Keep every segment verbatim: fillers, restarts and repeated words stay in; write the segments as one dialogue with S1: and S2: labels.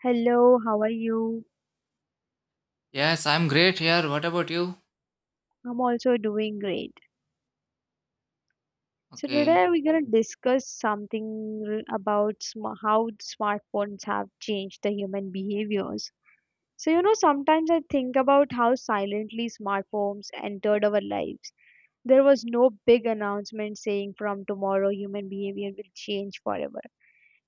S1: Hello, how are you?
S2: Yes, I'm great here. What about you?
S1: I'm also doing great. So
S2: Okay.
S1: today we're going to discuss something r- about sm how smartphones have changed the human behaviors. So you know, sometimes I think about how silently smartphones entered our lives. There was no big announcement saying from tomorrow human behavior will change forever.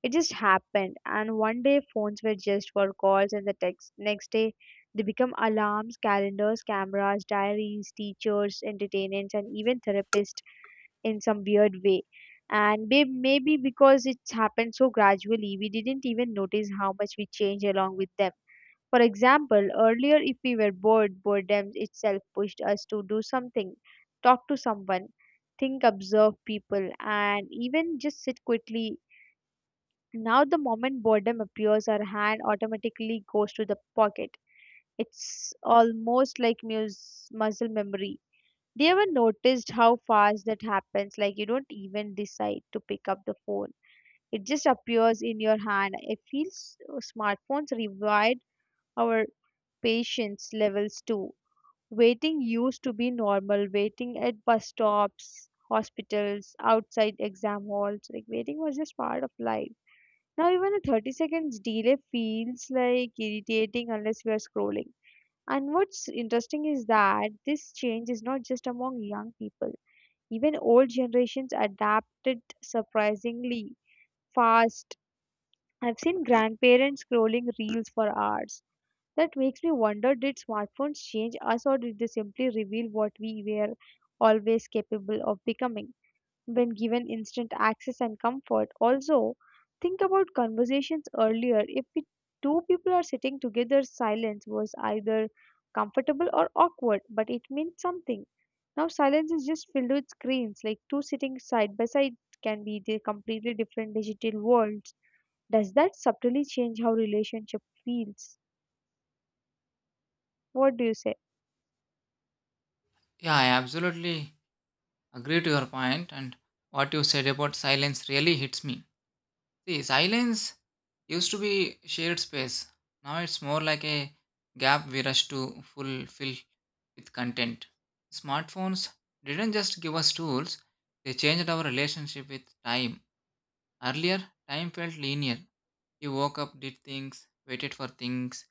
S1: It just happened, and one day phones were just for calls and the text. Next day, they become alarms, calendars, cameras, diaries, teachers, entertainments, and even therapists in some weird way. And may- maybe because it's happened so gradually, we didn't even notice how much we changed along with them. For example, earlier, if we were bored, boredom itself pushed us to do something, talk to someone, think, observe people, and even just sit quietly. Now, the moment boredom appears, our hand automatically goes to the pocket. It's almost like mus- muscle memory. Do you ever noticed how fast that happens? Like you don't even decide to pick up the phone. It just appears in your hand. It feels uh, smartphones revived our patience levels too. Waiting used to be normal. Waiting at bus stops, hospitals, outside exam halls. Like waiting was just part of life. Now, even a thirty seconds delay feels like irritating unless we are scrolling. And what's interesting is that this change is not just among young people. Even old generations adapted surprisingly fast. I've seen grandparents scrolling reels for hours. That makes me wonder, did smartphones change us, or did they simply reveal what we were always capable of becoming when given instant access and comfort? Also, think about conversations earlier. If we, two people are sitting together, silence was either comfortable or awkward, but it means something. Now, silence is just filled with screens, like two sitting side by side can be the completely different digital worlds. Does that subtly change how relationship feels? What do you say?
S2: Yeah, I absolutely agree to your point and what you said about silence really hits me. See, silence used to be shared space. Now it's more like a gap we rush to fulfill with content. Smartphones didn't just give us tools, they changed our relationship with time. Earlier, time felt linear. You woke up, did things, waited for things,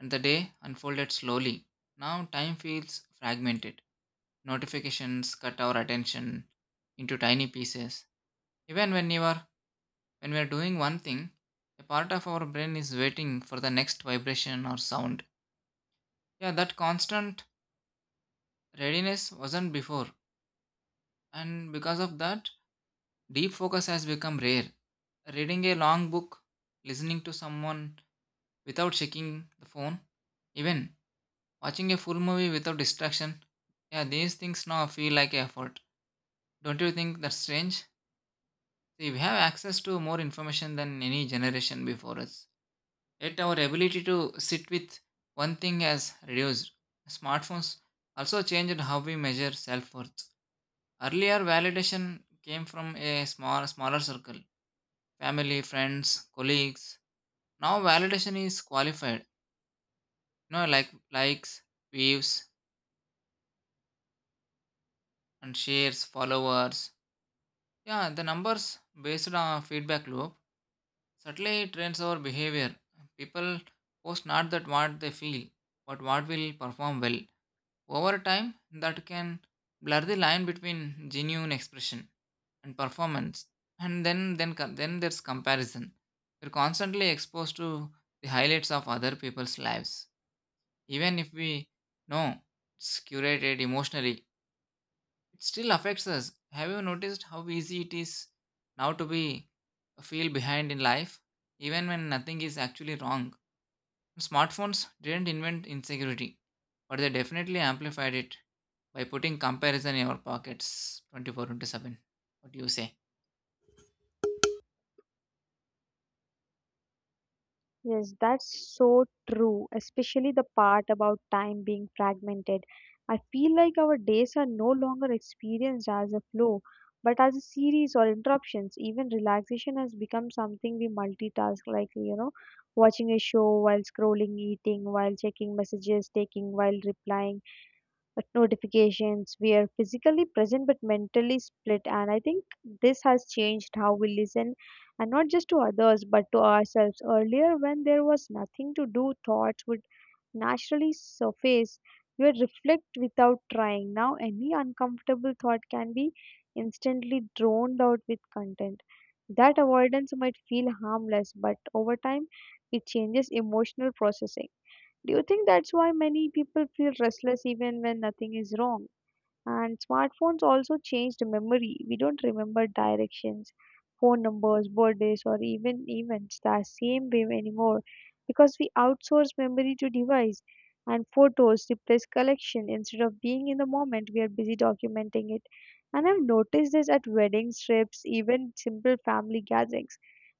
S2: and the day unfolded slowly. Now time feels fragmented. Notifications cut our attention into tiny pieces. Even when you are when we are doing one thing, a part of our brain is waiting for the next vibration or sound. Yeah, that constant readiness wasn't before, and because of that, deep focus has become rare. Reading a long book, listening to someone without checking the phone, even watching a full movie without distraction, yeah, these things now feel like effort. Don't you think that's strange? See, we have access to more information than any generation before us. Yet our ability to sit with one thing has reduced. Smartphones also changed how we measure self-worth. Earlier validation came from a small smaller circle. Family, friends, colleagues. Now validation is qualified. You know, like likes, views, and shares, followers. Yeah, the numbers based on feedback loop certainly trains our behavior. People post not that what they feel, but what will perform well. Over time, that can blur the line between genuine expression and performance. And then, then, co- then there's comparison. We're constantly exposed to the highlights of other people's lives, even if we know it's curated emotionally, it still affects us. Have you noticed how easy it is now to be feel behind in life, even when nothing is actually wrong? Smartphones didn't invent insecurity, but they definitely amplified it by putting comparison in our pockets twenty-four seven. What do you say?
S1: Yes, that's so true, especially the part about time being fragmented. I feel like our days are no longer experienced as a flow, but as a series or interruptions. Even relaxation has become something we multitask, like, you know, watching a show while scrolling, eating, while checking messages, taking while replying but notifications. We are physically present but mentally split. And I think this has changed how we listen, and not just to others but to ourselves. Earlier, when there was nothing to do, thoughts would naturally surface. You would reflect without trying. Now, any uncomfortable thought can be instantly droned out with content. That avoidance might feel harmless, but over time, it changes emotional processing. Do you think that's why many people feel restless even when nothing is wrong? And smartphones also changed memory. We don't remember directions, phone numbers, birthdays, or even events the same way anymore, because we outsource memory to device and photos replace collection. Instead of being in the moment, we are busy documenting it. And I've noticed this at weddings, trips, even simple family gatherings.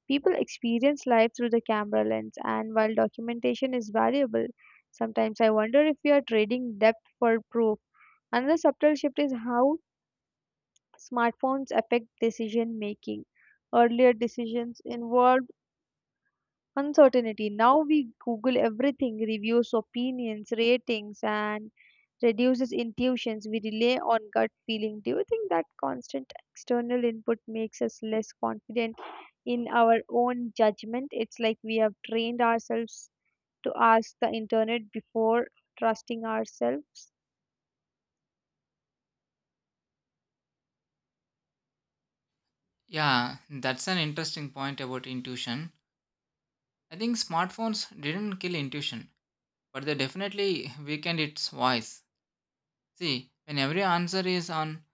S1: People experience life through the camera lens, and while documentation is valuable, sometimes I wonder if we are trading depth for proof. Another subtle shift is how smartphones affect decision making. Earlier decisions involved uncertainty. Now we Google everything, reviews, opinions, ratings, and reduces intuitions. We rely on gut feeling. Do you think that constant external input makes us less confident in our own judgment? It's like we have trained ourselves to ask the internet before trusting ourselves.
S2: Yeah, that's an interesting point about intuition. I think smartphones didn't kill intuition, but they definitely weakened its voice. See, when every answer is on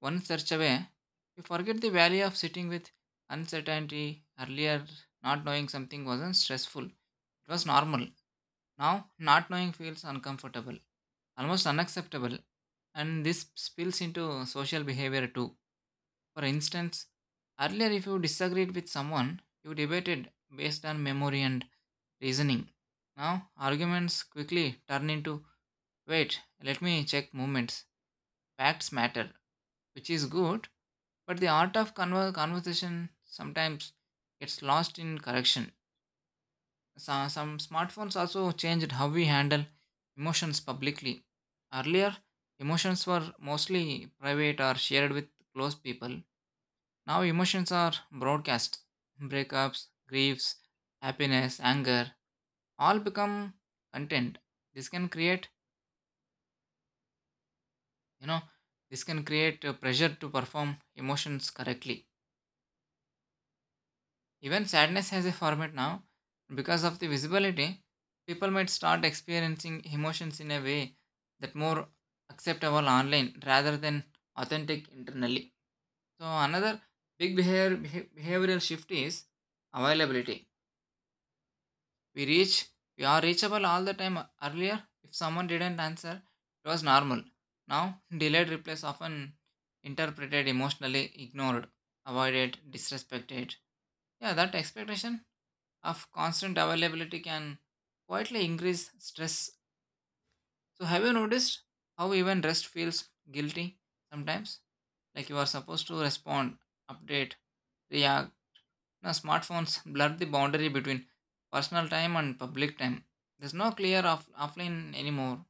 S2: one search away, you forget the value of sitting with uncertainty. Earlier, not knowing something wasn't stressful, it was normal. Now, not knowing feels uncomfortable, almost unacceptable, and this spills into social behavior too. For instance, earlier, if you disagreed with someone, you debated based on memory and reasoning. Now, arguments quickly turn into wait, let me check movements. Facts matter, which is good, but the art of conver- conversation sometimes gets lost in correction. So, some smartphones also changed how we handle emotions publicly. Earlier emotions were mostly private or shared with close people. Now emotions are broadcast. Breakups, griefs, happiness, anger, all become content. This can create you know this can create a pressure to perform emotions correctly. Even sadness has a format now. Because of the visibility, people might start experiencing emotions in a way that more acceptable online rather than authentic internally. So another big behavior, beha- behavioral shift is availability. We reach we are reachable all the time. Earlier, if someone didn't answer, it was normal. Now, delayed replies often interpreted emotionally, ignored, avoided, disrespected. Yeah, that expectation of constant availability can quietly increase stress. So, have you noticed how even rest feels guilty sometimes? Like you are supposed to respond, update, react. Now, smartphones blur the boundary between personal time and public time. There's no clear off- offline anymore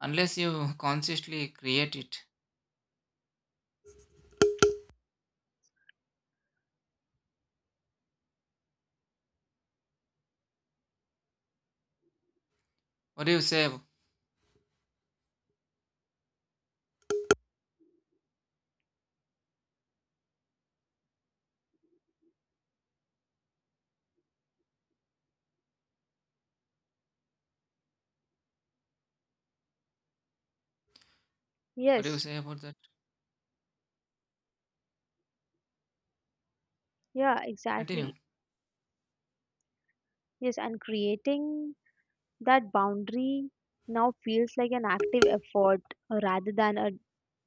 S2: unless you consciously create it. What do you say? What do you
S1: Yes,
S2: say about that?
S1: yeah,
S2: Continue.
S1: exactly. Yes, and creating that boundary now feels like an active effort, uh, rather than a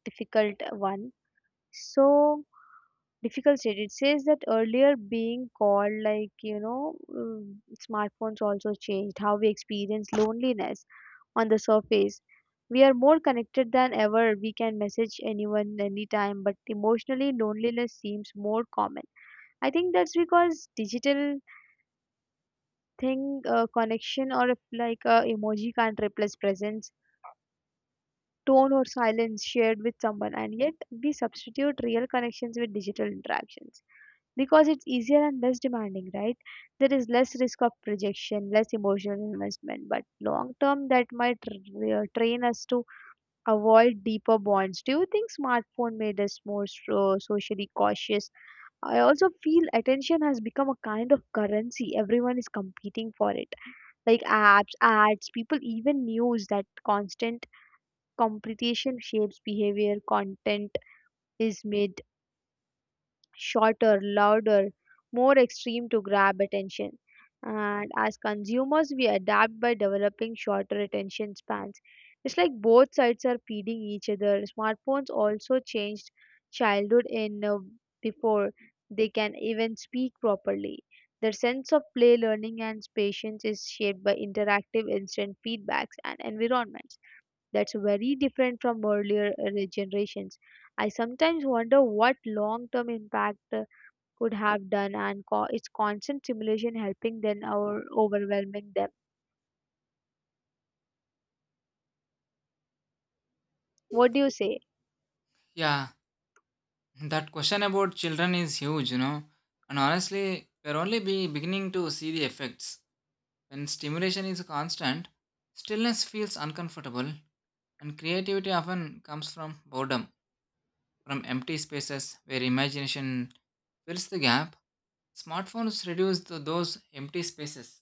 S1: difficult one. So difficult state. It says that earlier being called like you know um, smartphones also changed how we experience loneliness on the surface. We are more connected than ever. We can message anyone anytime, but emotionally loneliness seems more common. I think that's because digital think uh, connection, or if like a emoji can't replace presence, tone, or silence shared with someone. And yet we substitute real connections with digital interactions because it's easier and less demanding, right? There is less risk of rejection, less emotional investment, but long term that might r- uh, train us to avoid deeper bonds. Do you think smartphone made us more so- socially cautious? I also feel attention has become a kind of currency. Everyone is competing for it, like apps, ads, people, even news. That constant competition shapes behavior, content is made shorter, louder, more extreme to grab attention. And as consumers, we adapt by developing shorter attention spans. It's like both sides are feeding each other. Smartphones also changed childhood in, uh, before they can even speak properly. Their sense of play, learning, and patience is shaped by interactive instant feedbacks and environment. That's very different from earlier uh, generations. I sometimes wonder what long term impact uh, could have done, and co- its constant stimulation helping them or overwhelming them. What do you say?
S2: Yeah, that question about children is huge, you know. And honestly, we're only be beginning to see the effects. When stimulation is constant, stillness feels uncomfortable, and creativity often comes from boredom, from empty spaces where imagination fills the gap. Smartphones reduce th- those empty spaces,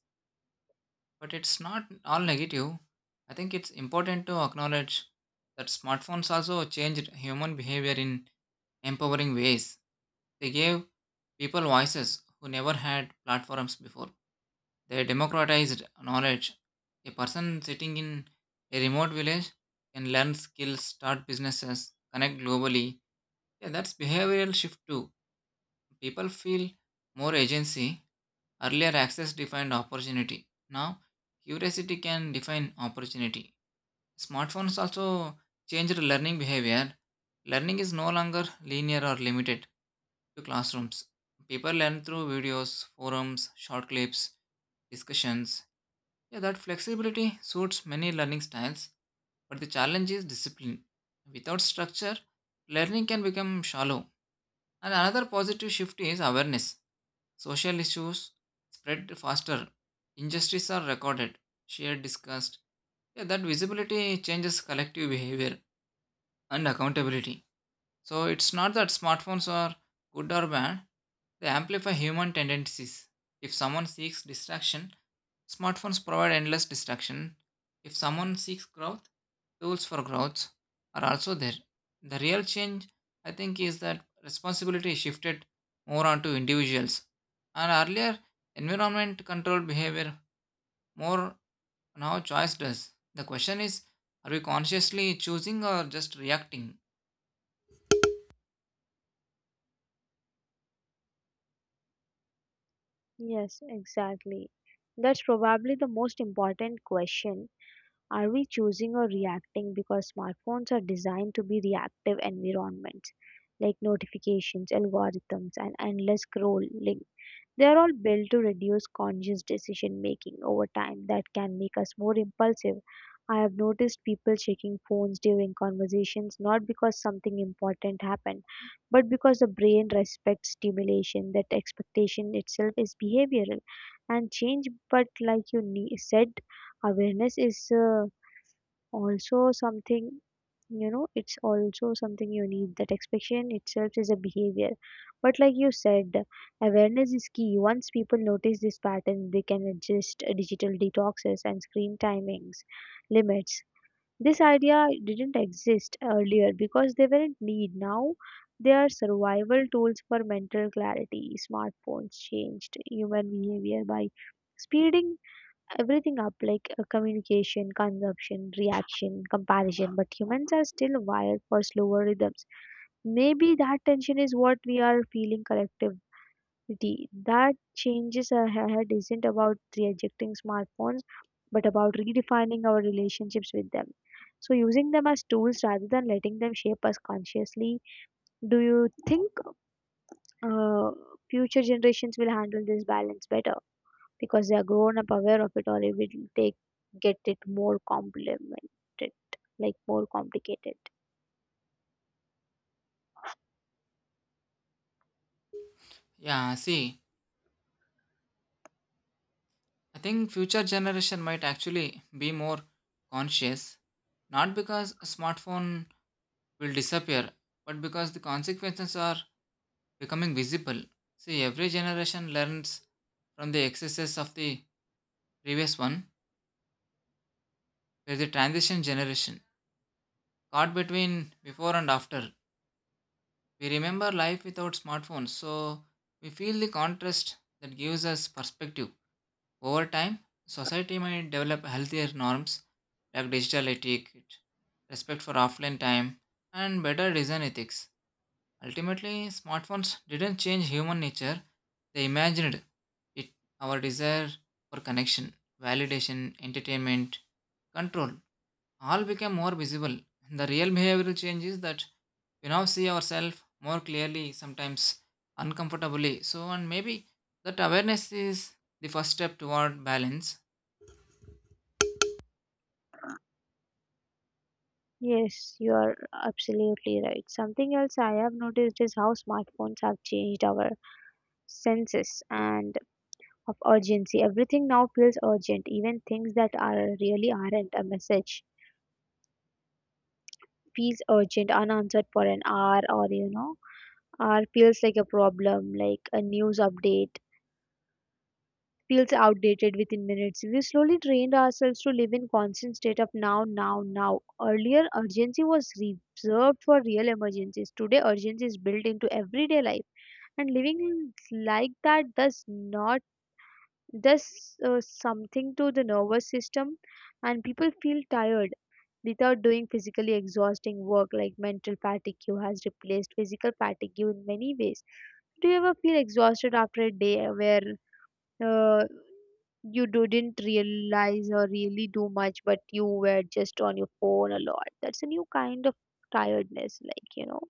S2: but it's not all negative. I think it's important to acknowledge that smartphones also changed human behavior in empowering ways. They gave people voices who never had platforms before. They democratized knowledge. A person sitting in a remote village can learn skills, start businesses, connect globally. Yeah, that's behavioral shift too. People feel more agency. Earlier, access defined opportunity. Now, curiosity can define opportunity. Smartphones also changed learning behavior. Learning is no longer linear or limited to classrooms. People learn through videos, forums, short clips, discussions. Yeah, that flexibility suits many learning styles, but the challenge is discipline. Without structure, learning can become shallow. And another positive shift is awareness. Social issues spread faster. Injustices are recorded, shared, discussed. Yeah, that visibility changes collective behavior and accountability. So it's not that smartphones are good or bad, they amplify human tendencies. If someone seeks distraction, smartphones provide endless distraction. If someone seeks growth, tools for growth are also there. The real change, I think, is that responsibility shifted more onto individuals. And earlier, environment controlled behavior more. Now choice does. The question is, are we consciously choosing or just reacting?
S1: Yes, exactly. That's probably the most important question. Are we choosing or reacting? Because smartphones are designed to be reactive environments, like notifications, algorithms, and endless scrolling. They are all built to reduce conscious decision making. Over time that can make us more impulsive. I have noticed people checking phones during conversations, not because something important happened, but because the brain respects stimulation. That expectation itself is behavioral and change. But like you ne- said, awareness is. Uh, also something, you know, it's also something you need. That expectation itself is a behavior, but like you said, awareness is key. Once people notice this pattern, they can adjust. Uh, digital detoxes and screen timings limits, this idea didn't exist earlier because they weren't need. Now they are survival tools for mental clarity. Smartphones changed human behavior by speeding everything up, like uh, communication, consumption, reaction, comparison, but humans are still wired for slower rhythms. Maybe that tension is what we are feeling collectivity. That changes ahead isn't about rejecting smartphones, but about redefining our relationships with them. So, using them as tools rather than letting them shape us consciously. Do you think uh, future generations will handle this balance better, because they are grown up aware of it, or it will take get it more complemented, like more complicated?
S2: Yeah, see, I think future generation might actually be more conscious, not because a smartphone will disappear, but because the consequences are becoming visible. See, every generation learns from the excesses of the previous one. We're the transition generation caught between before and after. We remember life without smartphones, so we feel the contrast that gives us perspective. Over time, society might develop healthier norms like digital etiquette, respect for offline time, and better design ethics. Ultimately, smartphones didn't change human nature, they imagined it. Our desire for connection, validation, entertainment, control, all became more visible. The real behavioral change is that we now see ourselves more clearly, sometimes uncomfortably. So, and maybe that awareness is the first step toward balance.
S1: Yes, you are absolutely right. Something else I have noticed is how smartphones have changed our senses and of urgency. Everything now feels urgent, even things that are really aren't. A message feels urgent unanswered for an hour, or you know, hour feels like a problem. Like a news update feels outdated within minutes. We slowly trained ourselves to live in constant state of now, now, now. Earlier, urgency was reserved for real emergencies. Today, urgency is built into everyday life, and living like that does not does uh, something to the nervous system. And people feel tired without doing physically exhausting work. Like mental fatigue has replaced physical fatigue in many ways. Do you ever feel exhausted after a day where uh, you didn't realize or really do much, but you were just on your phone a lot? That's a new kind of tiredness, like you know.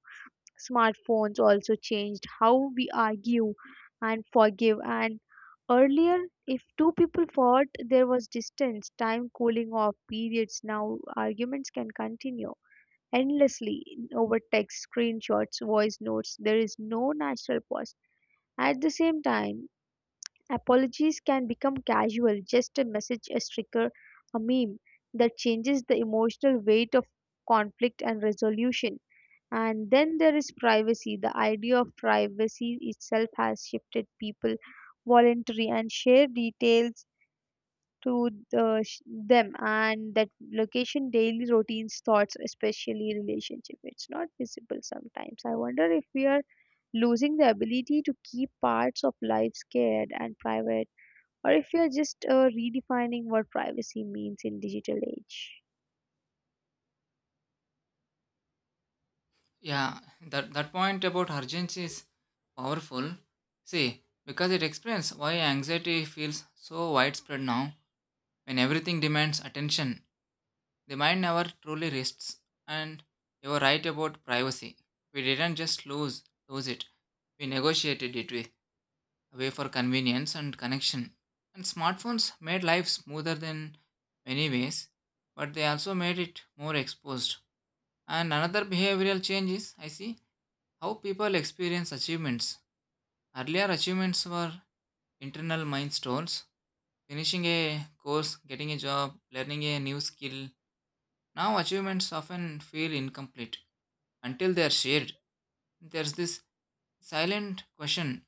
S1: Smartphones also changed how we argue and forgive. And earlier, if two people fought, there was distance, time, cooling off periods. Now, arguments can continue endlessly over text, screenshots, voice notes. There is no natural pause. At the same time, apologies can become casual, just a message, a sticker, a meme, that changes the emotional weight of conflict and resolution. And then there is privacy. The idea of privacy itself has shifted. People voluntary and share details to the, sh- them, and that location, daily routines, thoughts, especially relationship. It's not visible. Sometimes I wonder if we are losing the ability to keep parts of life scared and private, or if you're just uh, redefining what privacy means in digital age.
S2: Yeah, that, that point about urgency is powerful. See, because it explains why anxiety feels so widespread now. When everything demands attention, the mind never truly rests. And you were right about privacy. We didn't just lose, lose it, we negotiated it with way for convenience and connection. And smartphones made life smoother in many ways, but they also made it more exposed. And another behavioral change is I see how people experience achievements. Earlier, achievements were internal milestones: finishing a course, getting a job, learning a new skill. Now, achievements often feel incomplete until they are shared. There's this silent question: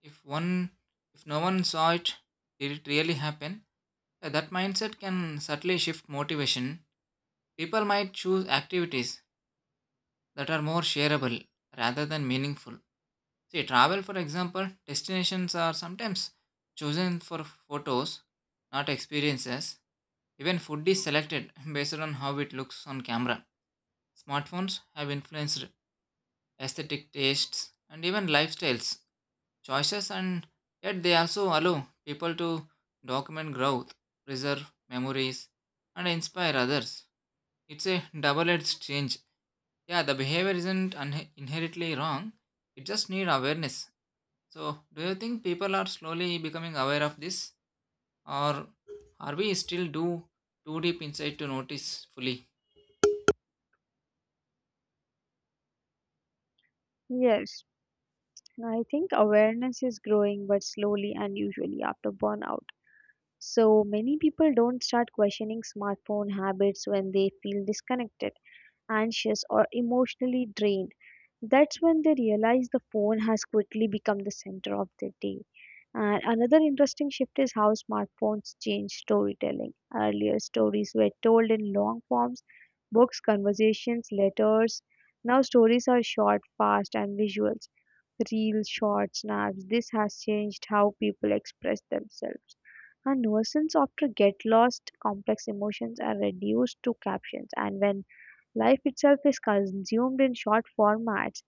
S2: if one if no one saw it, did it really happen? Uh, that mindset can subtly shift motivation. People might choose activities that are more shareable rather than meaningful. See travel, for example. Destinations are sometimes chosen for photos, not experiences. Even food is selected based on how it looks on camera. Smartphones have influenced aesthetic tastes and even lifestyles choices. And yet they also allow people to document growth, preserve memories, and inspire others. It's a double edged change. Yeah, the behavior isn't un- inherently wrong, it just needs awareness. So, do you think people are slowly becoming aware of this, or are we still do too deep inside to notice fully?
S1: Yes, I think awareness is growing, but slowly and usually after burnout. So many people don't start questioning smartphone habits when they feel disconnected, anxious, or emotionally drained. That's when they realize the phone has quickly become the center of their day. And another interesting shift is how smartphones change storytelling. Earlier, stories were told in long forms, books, conversations, letters. Now, stories are short, fast, and visuals. Reels, shorts, snaps. This has changed how people express themselves. And nuisance after get lost, complex emotions are reduced to captions. And when life itself is consumed in short formats,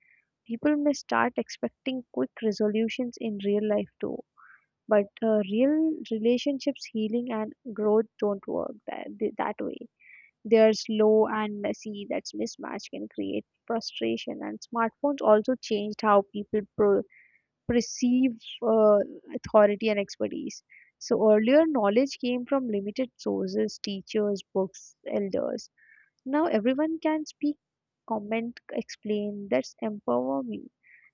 S1: people may start expecting quick resolutions in real life too. But uh, real relationships, healing, and growth don't work that, that way. They're slow and messy. That's mismatch can create frustration. And smartphones also changed how people pro- perceive uh, authority and expertise. So earlier, knowledge came from limited sources, teachers, books, elders. Now everyone can speak, comment, explain. That's empower me.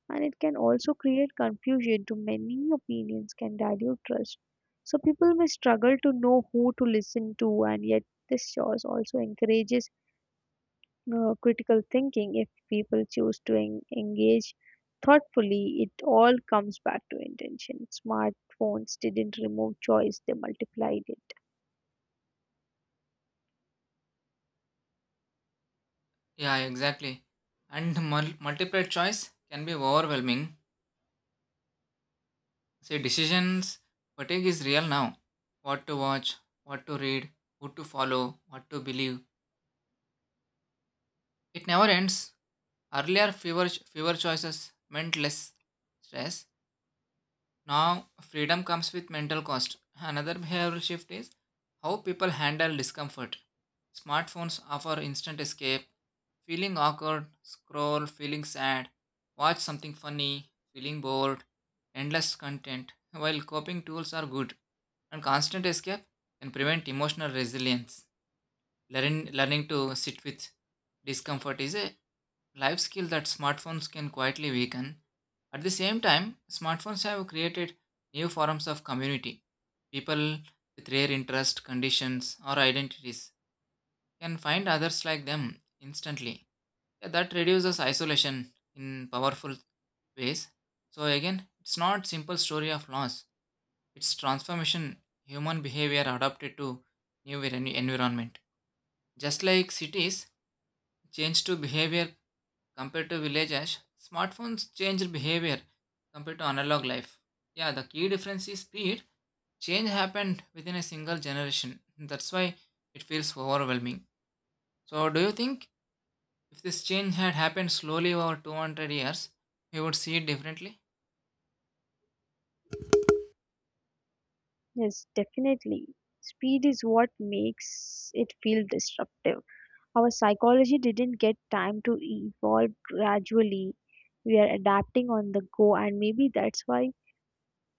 S1: And it can also create confusion. Too many opinions can dilute trust. So people may struggle to know who to listen to. And yet this choice also encourages uh, critical thinking, if people choose to en- engage thoughtfully. It all comes back to intention. Smartphones didn't remove choice, they multiplied it.
S2: Yeah, exactly. And mul- multiple choice can be overwhelming. See, decisions fatigue is real now. What to watch, what to read, who to follow, what to believe. It never ends. Earlier, fewer, fewer choices meant less stress. Now, freedom comes with mental cost. Another behavioral shift is how people handle discomfort. Smartphones offer instant escape: feeling awkward, scroll; feeling sad, watch something funny; feeling bored, endless content. While coping tools are good, and constant escape can prevent emotional resilience. Learning, learning to sit with discomfort is a life skill that smartphones can quietly weaken. At the same time, smartphones have created new forms of community. People with rare interests, conditions, or identities can find others like them instantly. Yeah, that reduces isolation in powerful ways. So again, it's not simple story of loss. It's transformation, human behavior adapted to new envi- environment. Just like cities change to behavior compared to villages, smartphones change behavior compared to analog life. Yeah, the key difference is speed. Change happened within a single generation. That's why it feels overwhelming. So, do you think if this change had happened slowly over two hundred years, we would see it differently?
S1: Yes, definitely. Speed is what makes it feel disruptive. Our psychology didn't get time to evolve gradually. We are adapting on the go, and maybe that's why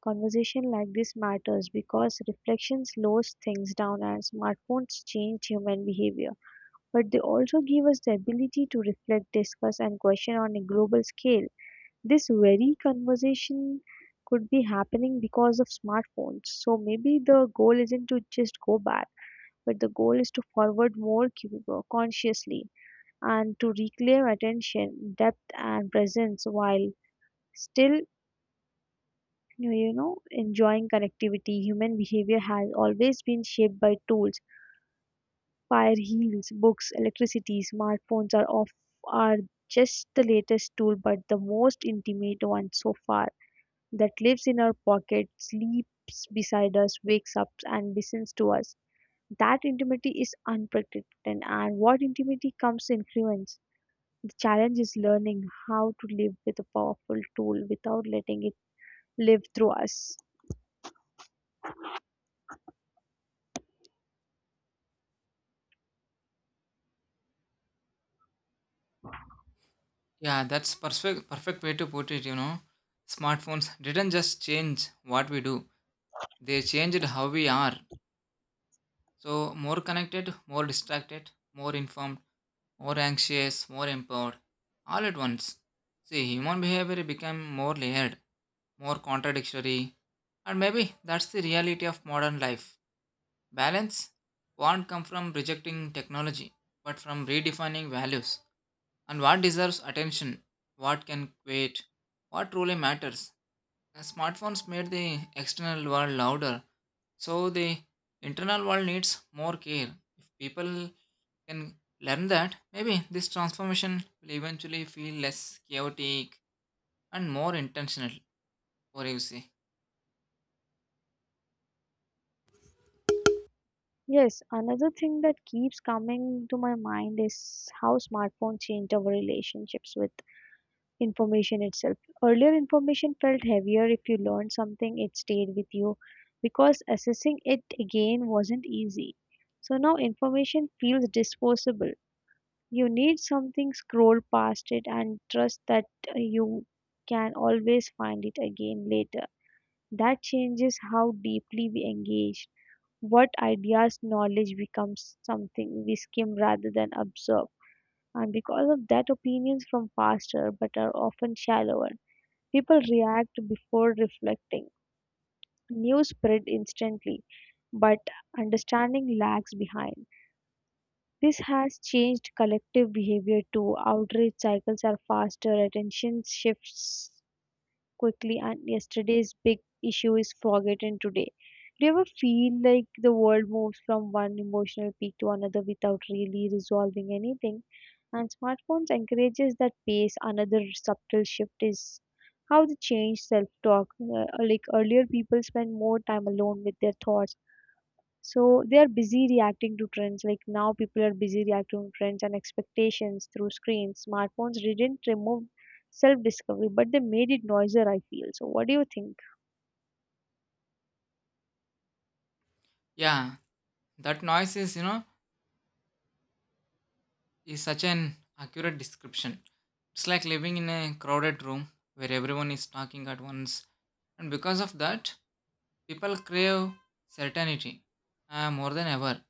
S1: conversation like this matters, because reflection slows things down. And smartphones change human behavior, but they also give us the ability to reflect, discuss, and question on a global scale. This very conversation could be happening because of smartphones. So maybe the goal isn't to just go back, but the goal is to forward more cu- consciously, and to reclaim attention, depth, and presence while still, you know, enjoying connectivity. Human behavior has always been shaped by tools. Fire, heels, books, electricity, smartphones are off are just the latest tool, but the most intimate one so far, that lives in our pocket, sleeps beside us, wakes up, and listens to us. That intimacy is unprecedented, and what intimacy comes influence. The challenge is learning how to live with a powerful tool without letting it live through us.
S2: Yeah, that's perfect perfect way to put it, you know. Smartphones didn't just change what we do. They changed how we are. So, more connected, more distracted, more informed, more anxious, more empowered, all at once. See, human behavior became more layered, more contradictory, and maybe that's the reality of modern life. Balance won't come from rejecting technology, but from redefining values and what deserves attention, what can wait, what truly matters. The smartphones made the external world louder, so the internal world needs more care. If people can learn that, maybe this transformation will eventually feel less chaotic and more intentional, or you see.
S1: Yes, another thing that keeps coming to my mind is how smartphone changed our relationships with information itself. Earlier information felt heavier. If you learned something it stayed with you because accessing it again wasn't easy. So now information feels disposable. You need something, scroll past it and trust that uh, you can always find it again later. That changes how deeply we engage. What ideas, knowledge becomes something we skim rather than observe. And because of that, opinions from faster but are often shallower. People react before reflecting. News spread instantly, but understanding lags behind. This has changed collective behavior too. Outrage cycles are faster, attention shifts quickly, and yesterday's big issue is forgotten today. Do you ever feel like the world moves from one emotional peak to another without really resolving anything? And smartphones encourages that pace. Another subtle shift is how they change self-talk. Uh, like earlier, people spend more time alone with their thoughts, so they are busy reacting to trends. Like now, people are busy reacting to trends and expectations through screens. Smartphones didn't remove self-discovery, but they made it noisier. I feel. So what do you think?
S2: Yeah, that noise is, you know, is such an accurate description. It's like living in a crowded room where everyone is talking at once, and because of that, people crave certainty uh, more than ever.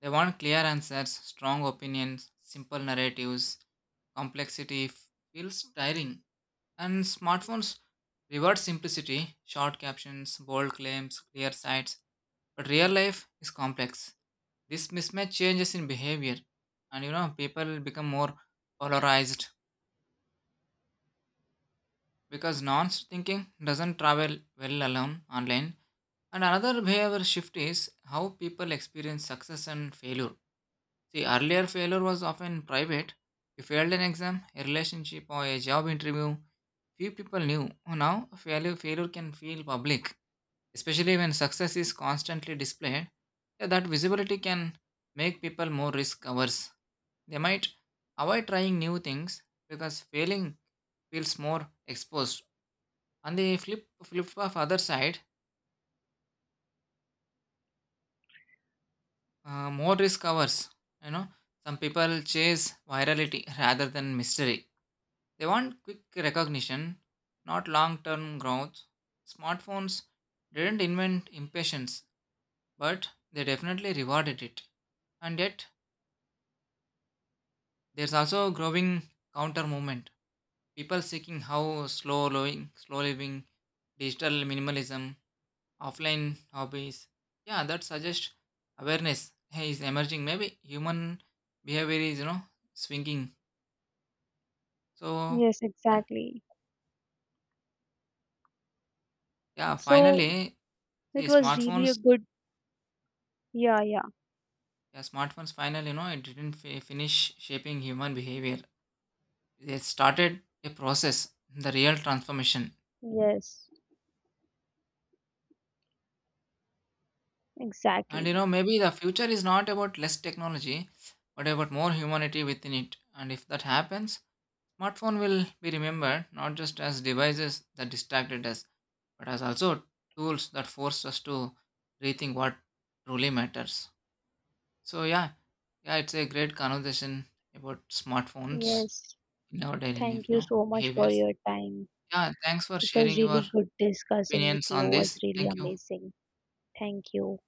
S2: They want clear answers, strong opinions, simple narratives. Complexity f- feels tiring, and smartphones reward simplicity, short captions, bold claims, clear sights. But real life is complex. This mismatch changes in behavior, and you know, people become more polarized because nonce thinking doesn't travel well alone online. And another behavior shift is how people experience success and failure. See, earlier failure was often private. You failed an exam, a relationship, or a job interview. Few people knew. Now, failure failure can feel public, especially when success is constantly displayed. Yeah, that visibility can make people more risk averse. They might avoid trying new things because failing feels more exposed. On the flip flip of other side, uh, more risk averse. You know, some people chase virality rather than mystery. They want quick recognition, not long-term growth. Smartphones didn't invent impatience, but they definitely rewarded it. And yet, there's also a growing counter movement. People seeking how slow living, slow living, digital minimalism, offline hobbies. Yeah, that suggests awareness hey, is emerging. Maybe human behavior is you know swinging. So
S1: Yes,
S2: and
S1: exactly.
S2: yeah,
S1: So
S2: finally, the
S1: it was really a
S2: smartphones.
S1: good. Yeah, yeah.
S2: Yeah, smartphones. Finally, you know, it didn't fi- finish shaping human behavior. They started a process, the real transformation.
S1: Yes,
S2: And you
S1: exactly.
S2: know, maybe the future is not about less technology, but about more humanity within it. And if that happens, smartphone will be remembered not just as devices that distracted us, but as also tools that force us to rethink what truly matters. So yeah, yeah, it's a great conversation about smartphones
S1: Yes.
S2: in our daily
S1: Thank
S2: life, you
S1: you
S2: know,
S1: so much for
S2: behaviors.
S1: your time.
S2: Yeah, thanks for
S1: It was
S2: sharing
S1: really
S2: your
S1: good discussing with
S2: opinions
S1: you.
S2: on
S1: It was
S2: this.
S1: really
S2: Thank you.
S1: amazing. Thank you.